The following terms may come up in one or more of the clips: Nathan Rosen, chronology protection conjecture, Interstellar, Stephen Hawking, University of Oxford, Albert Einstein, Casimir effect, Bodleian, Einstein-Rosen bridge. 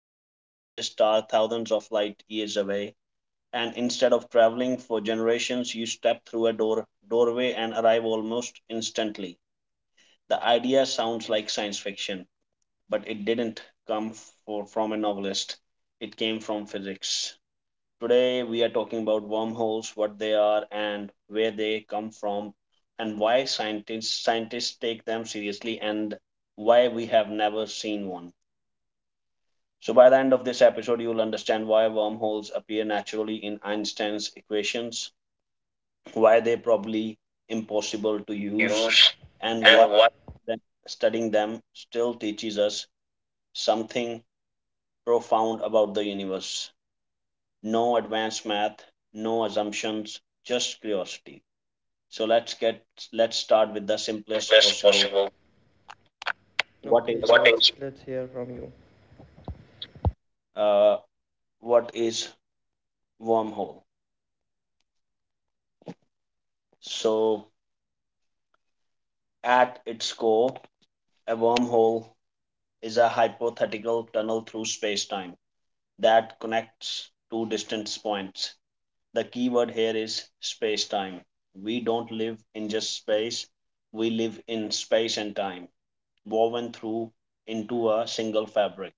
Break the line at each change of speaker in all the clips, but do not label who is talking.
heading towards a star thousands of light years away, and instead of traveling for generations, you step through a doorway and arrive almost instantly. The idea sounds like science fiction, but it didn't come from a novelist, it came from physics. Today we are talking about wormholes, what they are and where they come from, and why scientists take them seriously, and why we have never seen one. So by the end of this episode, you will understand why wormholes appear naturally in Einstein's equations, why they probably impossible to
To
use,
use.
and why
And what?
then studying them still teaches us something profound about the universe. No advanced math, no assumptions, just curiosity. So let's start with the
The
simplest
simplest
possible.
possible?
What is
What is-
uh, what is wormhole? So at its core, a wormhole is a hypothetical tunnel through space-time that connects two distant points. The key word here is space time. We don't live in just space, we live in space and time, woven through into a single fabric.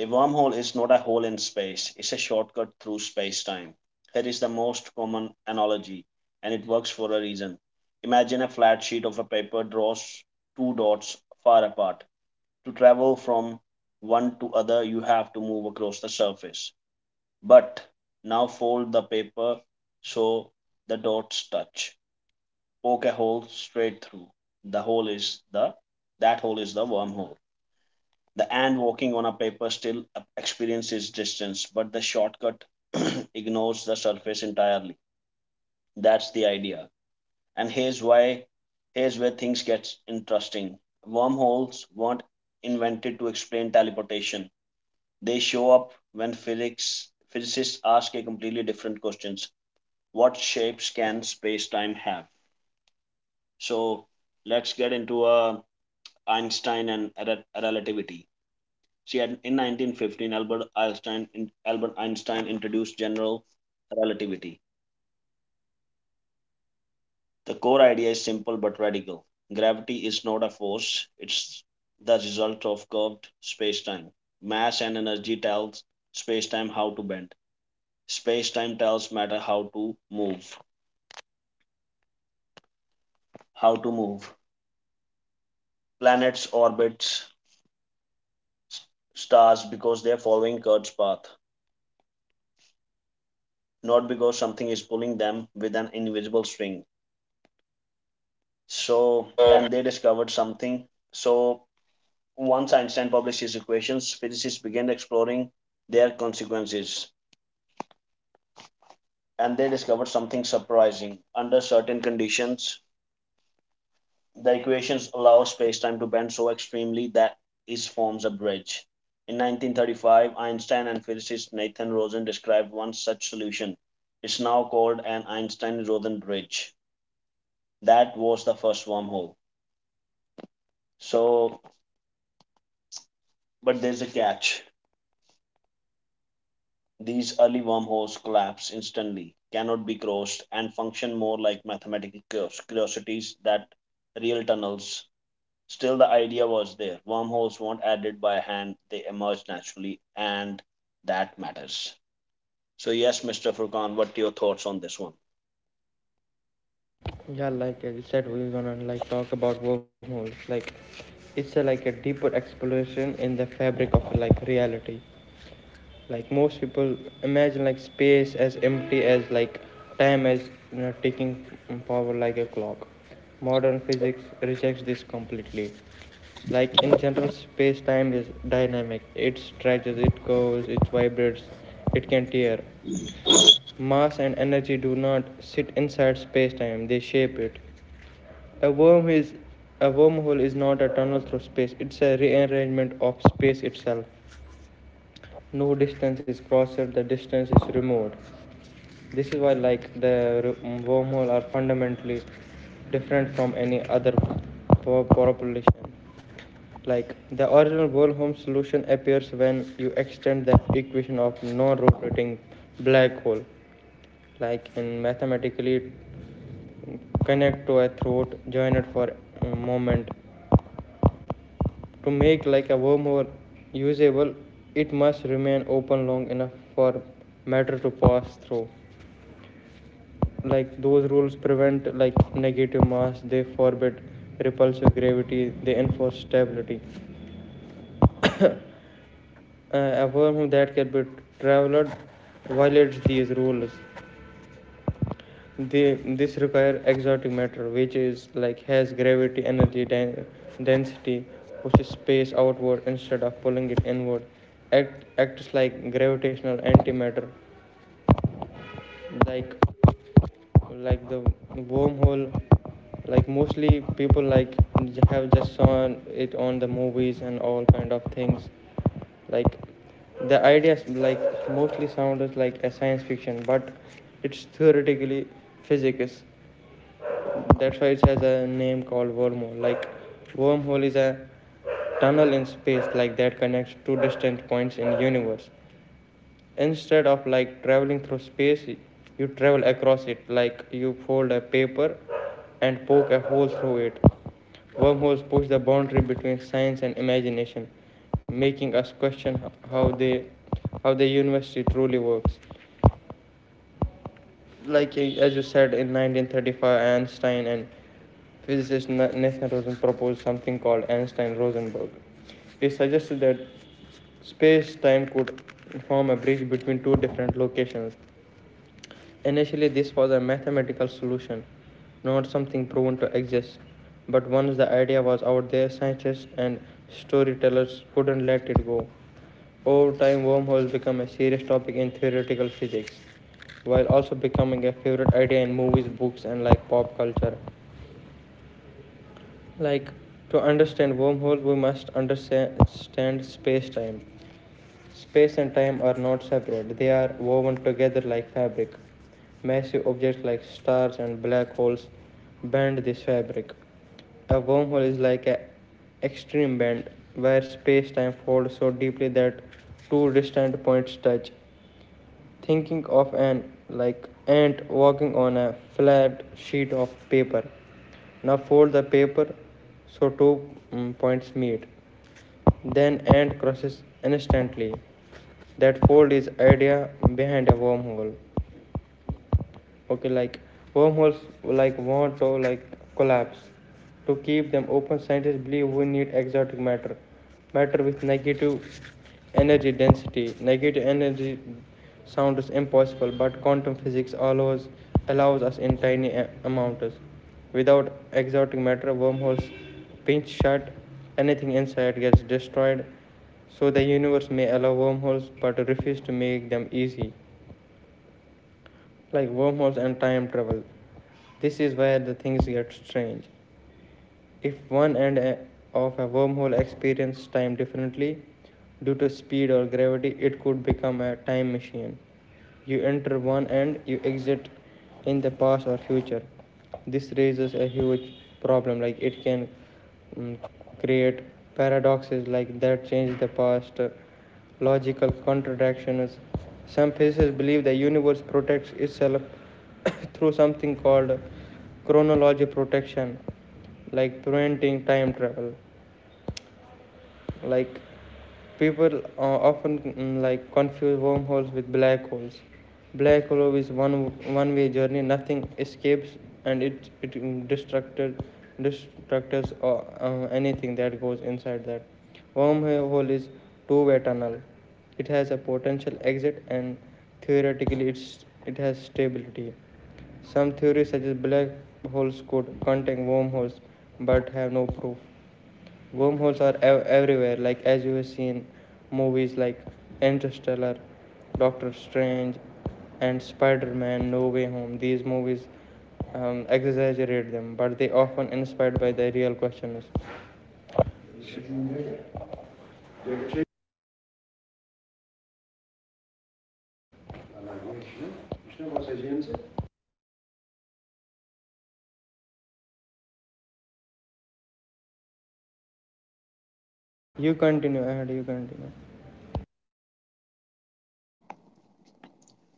A wormhole is not a hole in space, it's a shortcut through space time. Here is the most common analogy, and it works for a reason. Imagine a flat sheet of a paper, draws two dots far apart. To travel from one to other, you have to move across the surface. But now fold the paper so the dots touch. Poke a hole straight through. The hole is the That hole is the wormhole. The ant walking on a paper still experiences distance, but the shortcut ignores the surface entirely. That's the idea. And here's where things get interesting. Wormholes weren't invented to explain teleportation. They show up when physics physicists ask a completely different questions. What shapes can space-time have? So let's get into Einstein and relativity. See, in 1915, Albert Einstein introduced general relativity. The core idea is simple but radical. Gravity is not a force; it's the result of curved space-time. Mass and energy tells space-time how to bend. Space-time tells matter how to move. move. Planets, orbits, stars because they're following Kurt's path, not because something is pulling them with an invisible string. So,
So.
and they discovered something. So, once Einstein published his equations, physicists began exploring their consequences, and they discovered something surprising. Under certain conditions, the equations allow spacetime to bend so extremely that it forms a bridge. In 1935, Einstein and physicist Nathan Rosen described one such solution. It's now called an Einstein Rosen bridge. That was the first wormhole. So, but there's a catch. These early wormholes collapse instantly, cannot be crossed, and function more like mathematical curiosities than real tunnels. Still, the idea was there. Wormholes weren't added by hand, they emerged naturally, and that matters. So, yes, Mr. Furkan, what are your thoughts on this one?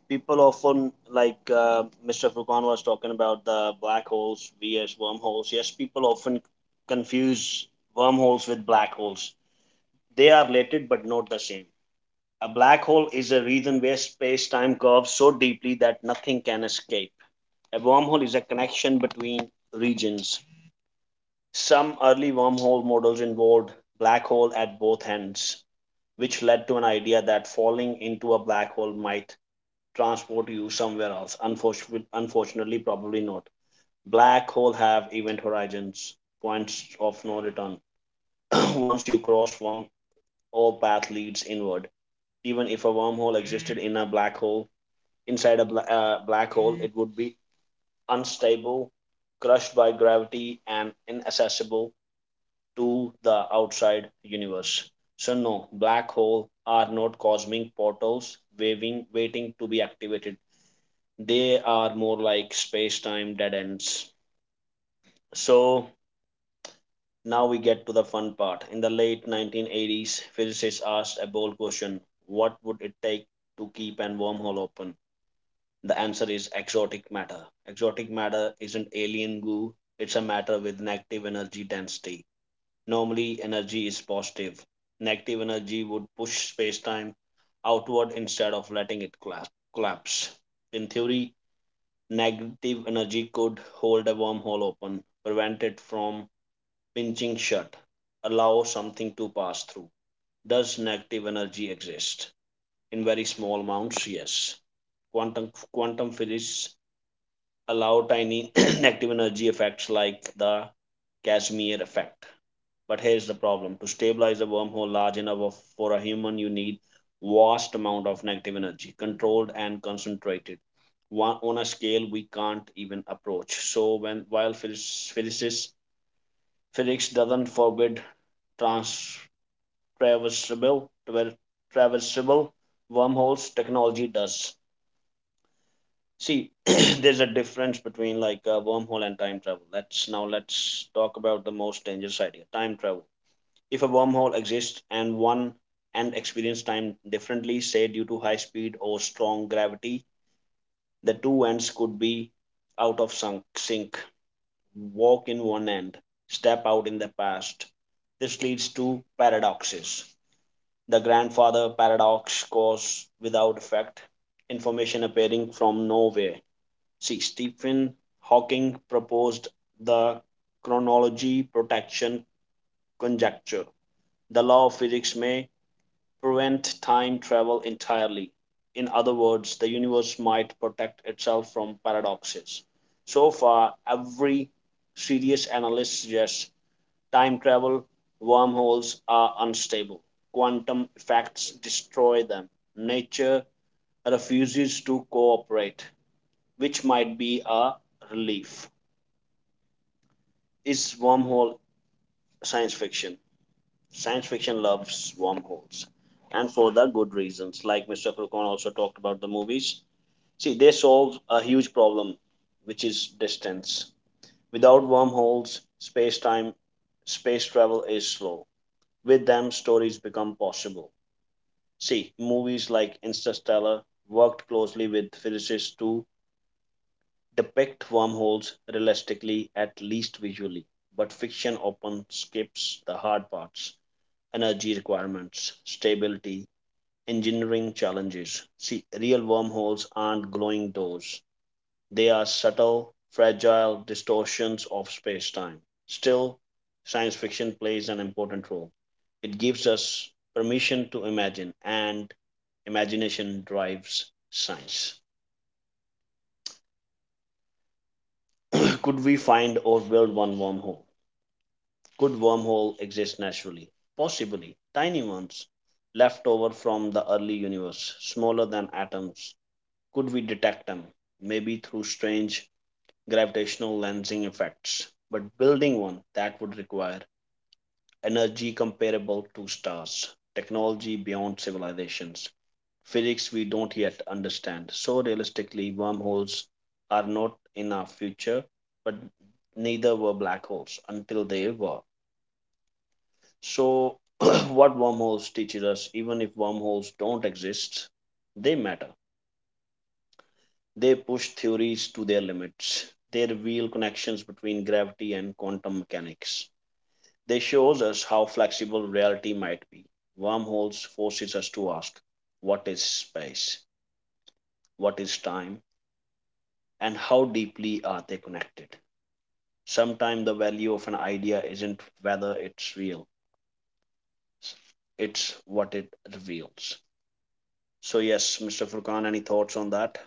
People often, Mr. Furkan was talking about the black holes vs. wormholes. Yes, people often confuse wormholes with black holes. They are related but not the same. A black hole is a region where space time curves so deeply that nothing can escape. A wormhole is a connection between regions. Some early wormhole models involved black hole at both ends, which led to an idea that falling into a black hole might transport you somewhere else. Unfortunately, probably not. Black holes have event horizons, points of no return. Once you cross one, all path leads inward. Even if a wormhole existed in a black hole, inside a black hole, it would be unstable, crushed by gravity, and inaccessible to the outside universe. So no, black holes are not cosmic portals waving, waiting to be activated. They are more like space-time dead ends. So now we get to the fun part. In the late 1980s, physicists asked a bold question: what would it take to keep a wormhole open? The answer is exotic matter. Exotic matter isn't alien goo; it's a matter with negative energy density. Normally, energy is positive. Negative energy would push space-time outward instead of letting it collapse. In theory, negative energy could hold a wormhole open, prevent it from pinching shut, allow something to pass through. Does negative energy exist? In very small amounts, yes. Quantum physics allow tiny negative energy effects like the Casimir effect. But here's the problem. To stabilize a wormhole large enough for a human, you need vast amount of negative energy, controlled and concentrated, one, on a scale we can't even approach. So when while phys- physicists physics doesn't forbid trans traversable traver- traversable wormholes, technology does. See, there's a difference between like a wormhole and time travel. Let's talk about the most dangerous idea, time travel. If a wormhole exists and one end experiences time differently, say due to high speed or strong gravity, the two ends could be out of sync. Walk in one end, step out in the past. This leads to paradoxes. The grandfather paradox, cause without effect, information appearing from nowhere. See, Stephen Hawking proposed the chronology protection conjecture. The law of physics may prevent time travel entirely. In other words, the universe might protect itself from paradoxes. So far, every serious analyst suggests time travel wormholes are unstable. Quantum effects destroy them. Nature refuses to cooperate, which might be a relief. Is wormhole science fiction? Science fiction loves wormholes, and for the good reasons. Like Mr. Furcon also talked about the movies. See, they solve a huge problem, which is distance. Without wormholes, space time, space travel is slow. With them, stories become possible. See, movies like Interstellar worked closely with physicists to depict wormholes realistically, at least visually. But fiction often skips the hard parts: energy requirements, stability, engineering challenges. See, real wormholes aren't glowing doors, they are subtle, fragile distortions of space time. Still, science fiction plays an important role. It gives us permission to imagine, and imagination drives science. Could we find or build one wormhole? Could wormhole exist naturally? Possibly. Tiny ones, left over from the early universe, smaller than atoms, could we detect them? Maybe through strange gravitational lensing effects. But building one that would require energy comparable to stars, technology beyond civilizations, physics we don't yet understand. So realistically, wormholes are not in our future, but neither were black holes until they were. So what wormholes teaches us, even if wormholes don't exist, they matter. They push theories to their limits. They reveal connections between gravity and quantum mechanics. They shows us how flexible reality might be. Wormholes forces us to ask what is space, what is time, and how deeply are they connected. Sometimes the value of an idea isn't whether it's real, it's what it reveals. So yes, Mr. Furkan, any thoughts on that?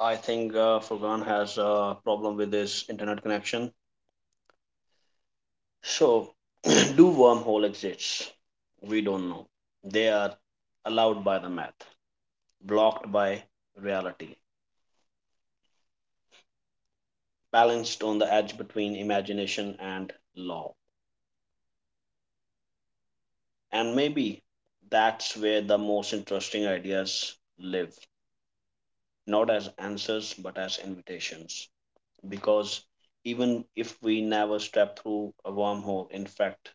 I think Furkan has a problem with his internet connection. So, do wormhole exists? We don't know. They are allowed by the math, blocked by reality, balanced on the edge between imagination and law. And maybe that's where the most interesting ideas live, not as answers but as invitations. Because even if we never step through a wormhole, in fact,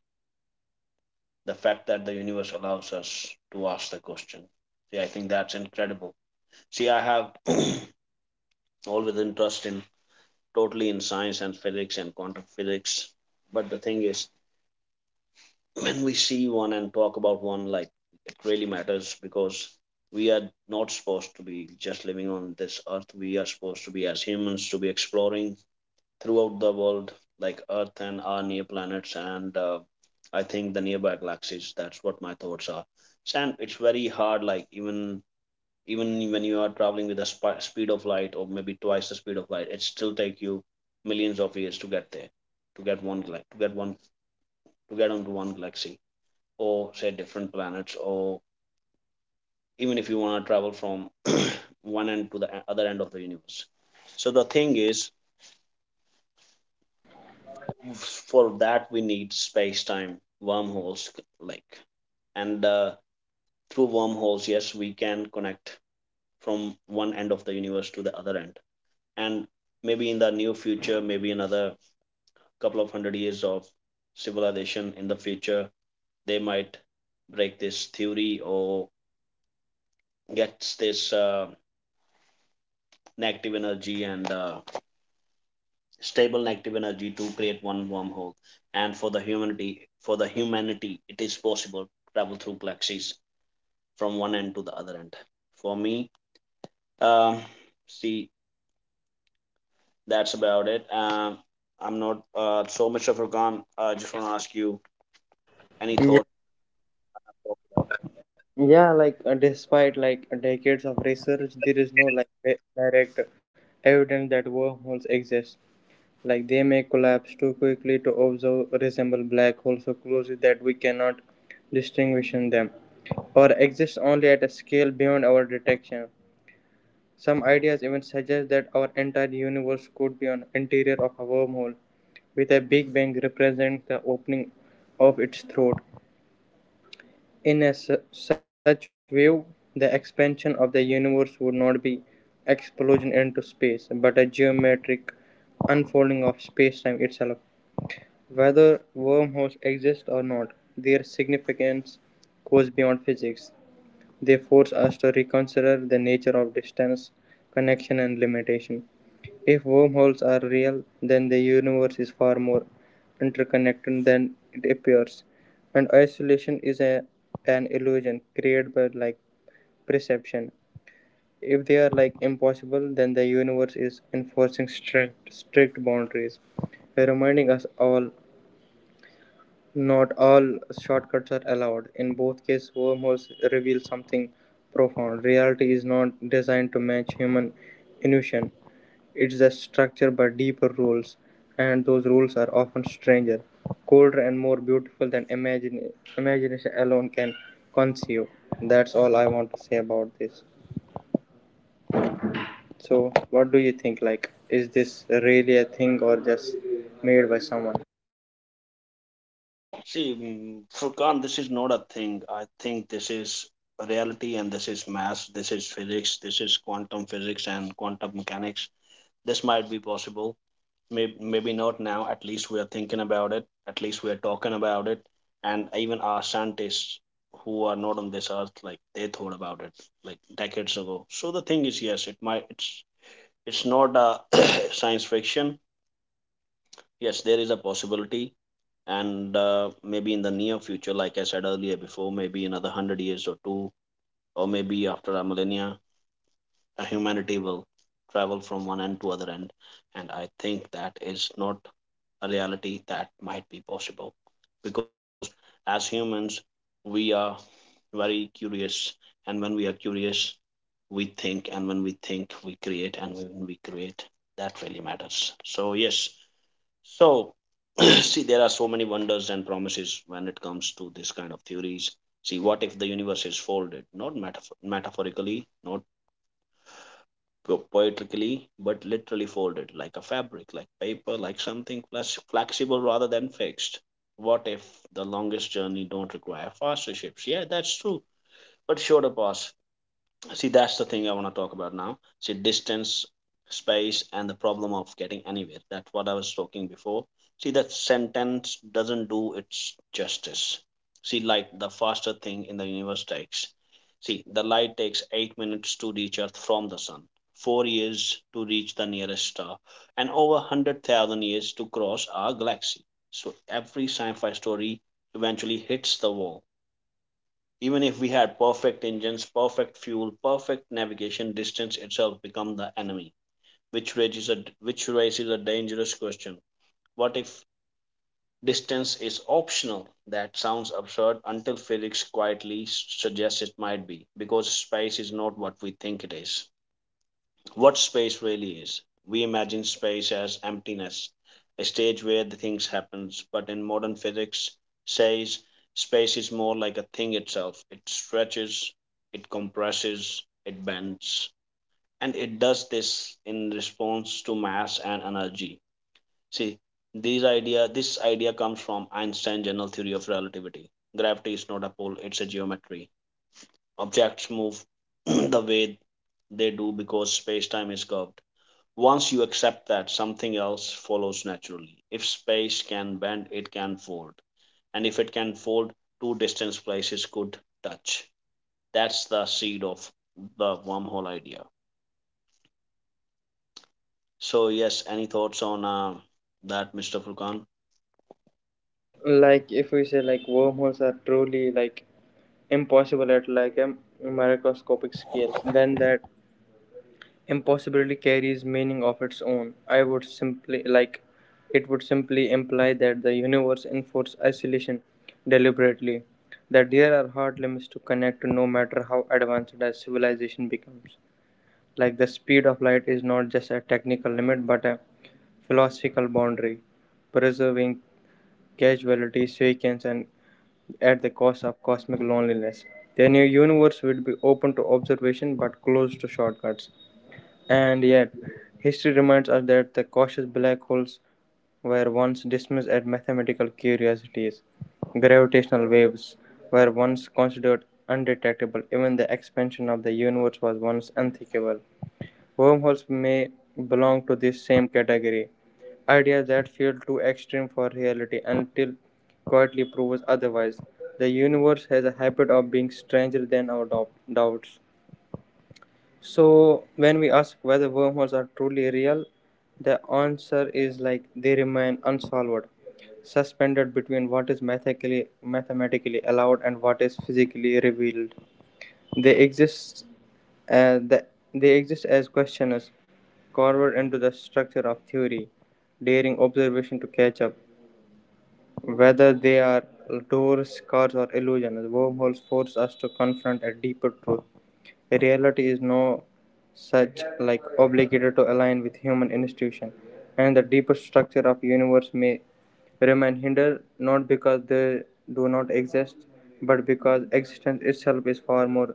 the fact that the universe allows us to ask the question. See, I think that's incredible. See, I have always interest in totally in science and physics and quantum physics. But the thing is, when we see one and talk about one, like it really matters because we are not supposed to be just living on this earth. We are supposed to be as humans to be exploring throughout the world, like Earth and our near planets, and I think the nearby galaxies. That's what my thoughts are. And it's very hard, like even when you are traveling with the speed of light or maybe twice the speed of light, it still take you millions of years to get there, to get one gla- to get one to get onto one galaxy, or say different planets, or even if you want to travel from one end to the other end of the universe. So the thing is, for that we need space time wormholes, like and through wormholes, yes, we can connect from one end of the universe to the other end. And maybe in the near future, maybe another couple of hundred years of civilization in the future, they might break this theory or gets this negative energy and stable negative energy to create one wormhole, and for the humanity it is possible to travel through galaxies from one end to the other end. For me, um, see, that's about it. I'm not so much of a con. I just want to ask you, any thoughts?
Yeah, despite decades of research, there is no direct evidence that wormholes exist. Like, they may collapse too quickly to observe, resemble black holes so closely that we cannot distinguish in them, or exist only at a scale beyond our detection. Some ideas even suggest that our entire universe could be an interior of a wormhole, with a Big Bang representing the opening of its throat. Such view, the expansion of the universe would not be explosion into space, but a geometric unfolding of space-time itself. Whether wormholes exist or not, their significance goes beyond physics. They force us to reconsider the nature of distance, connection, and limitation. If wormholes are real, then the universe is far more interconnected than it appears, and isolation is an illusion created by like perception. If they are like impossible, then the universe is enforcing strict boundaries, reminding us all not all shortcuts are allowed. In both cases, wormholes reveal something profound. Reality is not designed to match human intuition. It is structure, by deeper rules, and those rules are often stranger, colder, and more beautiful than imagination alone can conceive. That's all I want to say about this. So, what do you think? Like, is this really a thing or just made by someone?
See, Furkan, this is not a thing. I think this is reality, and this is math, this is physics, this is quantum physics and quantum mechanics. This might be possible. Maybe, maybe not now. At least we are thinking about it. At least we are talking about it. And even our scientists who are not on this earth, like they thought about it like decades ago. So the thing is, yes, it might. It's not a science fiction. Yes, there is a possibility, and maybe in the near future, like I said earlier before, maybe another 100 years or two, or maybe after a millennia, humanity will travel from one end to other end, and I think that is not a reality that might be possible, because as humans, we are very curious, and when we are curious, we think, and when we think, we create, and when we create, that really matters. So yes, so, see, there are so many wonders and promises when it comes to this kind of theories. See, what if the universe is folded? Not metaphorically, not poetically, but literally folded, like a fabric, like paper, like something flexible rather than fixed. What if the longest journey don't require faster ships? Yeah, that's true. But shorter paths, see, that's the thing I want to talk about now. See, distance, space, and the problem of getting anywhere, that's what I was talking before. See, that sentence doesn't do its justice. See, light, the faster thing in the universe, takes, see, the light takes 8 minutes to reach earth from the sun, 4 years to reach the nearest star, and over 100,000 years to cross our galaxy. So every sci-fi story eventually hits the wall. Even if we had perfect engines, perfect fuel, perfect navigation, distance itself becomes the enemy, which raises a dangerous question. What if distance is optional? That sounds absurd until Felix quietly suggests it might be, because space is not what we think it is, what space really is. We imagine space as emptiness, a stage where the things happens, but in modern physics says space is more like a thing itself. It stretches, it compresses, it bends, and it does this in response to mass and energy. See, these idea this idea comes from Einstein's general theory of relativity. Gravity is not a pull, it's a geometry. Objects move the way they do because space-time is curved. Once you accept that, something else follows naturally. If space can bend, it can fold. And if it can fold, two distant places could touch. That's the seed of the wormhole idea. So, yes, any thoughts on that, Mr. Furkan?
Like, if we say like wormholes are truly like impossible at like a microscopic scale, then that impossibility carries meaning of its own. I would simply like It would simply imply that the universe enforces isolation deliberately, that there are hard limits to connect to no matter how advanced as civilization becomes. Like, the speed of light is not just a technical limit but a philosophical boundary, preserving casualty, sequence, and at the cost of cosmic loneliness. The new universe would be open to observation but closed to shortcuts. And yet, history reminds us that the cautious black holes were once dismissed as mathematical curiosities. Gravitational waves were once considered undetectable, even the expansion of the universe was once unthinkable. Wormholes may belong to this same category, ideas that feel too extreme for reality until quietly proves otherwise. The universe has a habit of being stranger than our doubts. So, when we ask whether wormholes are truly real, the answer is like they remain unsolved, suspended between what is mathematically allowed and what is physically revealed. They exist, uh, the, they exist as questioners, carved into the structure of theory, daring observation to catch up. Whether they are doors, cards, or illusions, wormholes force us to confront a deeper truth. Reality is no such like obligated to align with human institution, and the deeper structure of universe may remain hindered not because they do not exist, but because existence itself is far more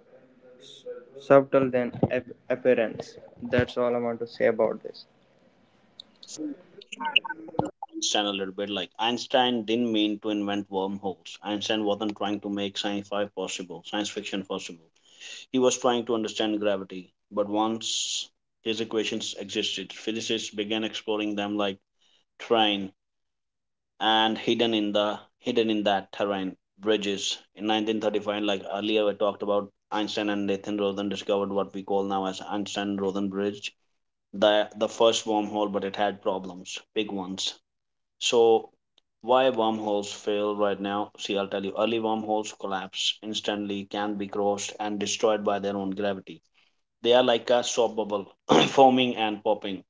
subtle than appearance. That's all I want to say about this.
Einstein, a little bit, like Einstein didn't mean to invent wormholes. Einstein wasn't trying to make sci fi possible, science fiction possible. He was trying to understand gravity, but once his equations existed, physicists began exploring them like terrain, and hidden in that terrain bridges. In 1935, like earlier we talked about, Einstein and Nathan Rosen discovered what we call now as Einstein-Rosen bridge, the first wormhole, but it had problems, big ones. So, why wormholes fail right now? See, I'll tell you, early wormholes collapse instantly, can be crossed and destroyed by their own gravity. They are like a soap bubble, foaming and popping.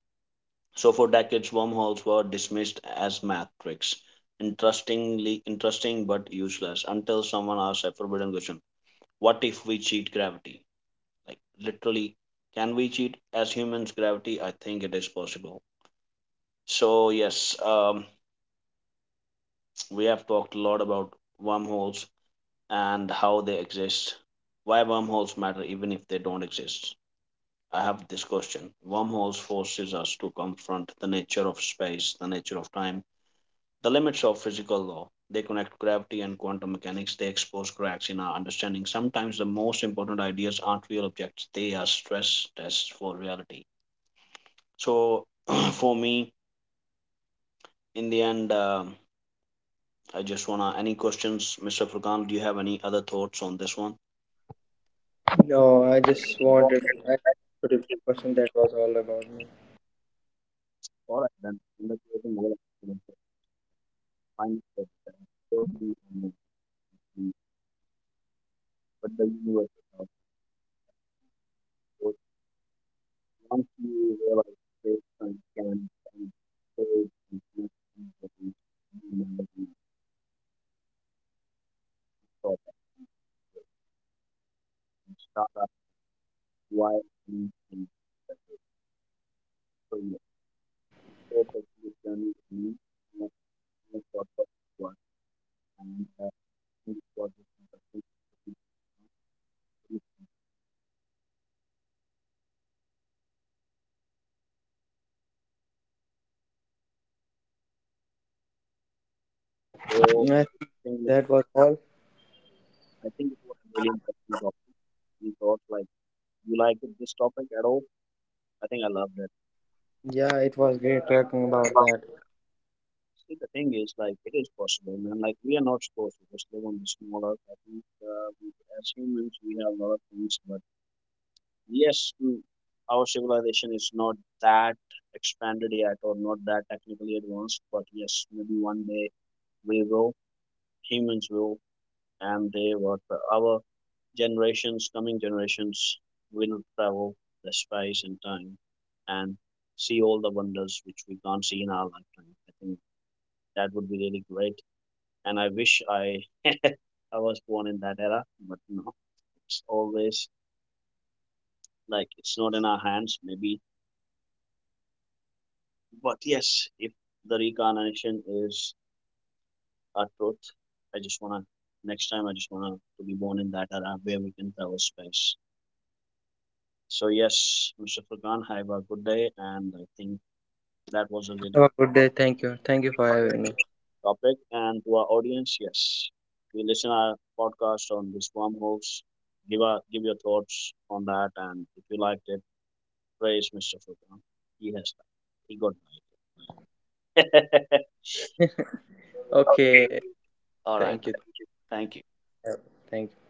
So for decades, wormholes were dismissed as math tricks, interesting but useless, until someone asked a forbidden question: What if we cheat gravity? Like, literally, can we cheat as humans gravity? I think it is possible. So yes, we have talked a lot about wormholes and how they exist, why wormholes matter even if they don't exist. I have this question. Wormholes forces us to confront the nature of space, the nature of time, the limits of physical law. They connect gravity and quantum mechanics. They expose cracks in our understanding. Sometimes the most important ideas aren't real objects, they are stress tests for reality. So, for me, in the end, I just wanna. Any questions, Mr. Furkan? Do you have any other thoughts on this one?
No, I just
Well,
wanted I put a question that was all about me.
all right, then. In the closing, all we can find the best for the, um, for the universe. Once you realize space, time, and space and connection with each humanity, thought and start up, why, and so you perfectly done with me, and think, what, and uh, and what is interesting. So
I
thing is,
That was all.
I think it was a really interesting topic. We thought like you like this topic at all? I think I loved
Yeah, it was great talking about
it.
that.
See, the thing is, like, it is possible, man. Like, we are not supposed to just live on this small earth. I think, we, as humans, we have a lot of things, but yes, our civilization is not that expanded yet or not that technically advanced. But yes, maybe one day we will, humans will, and they, what our generations, coming generations, will travel the space and time and see all the wonders which we can't see in our lifetime. I think that would be really great, and I wish I was born in that era, but no, it's always like it's not in our hands, maybe. But yes, if the reincarnation is our truth, I just wanna next time I just wanna to be born in that era where we can travel space. So yes, Mr. Furkan, have a good day, and I think that was a really
Have a
good
good day. Thank you. Thank you for having me.
topic. And to our audience, yes, we listen our podcast on this wormholes. Give your thoughts on that, and if you liked it, Praise Mr. Fulton. He has done. He got my idea.
Okay.
All right.
Thank you.
Thank you.
Thank you.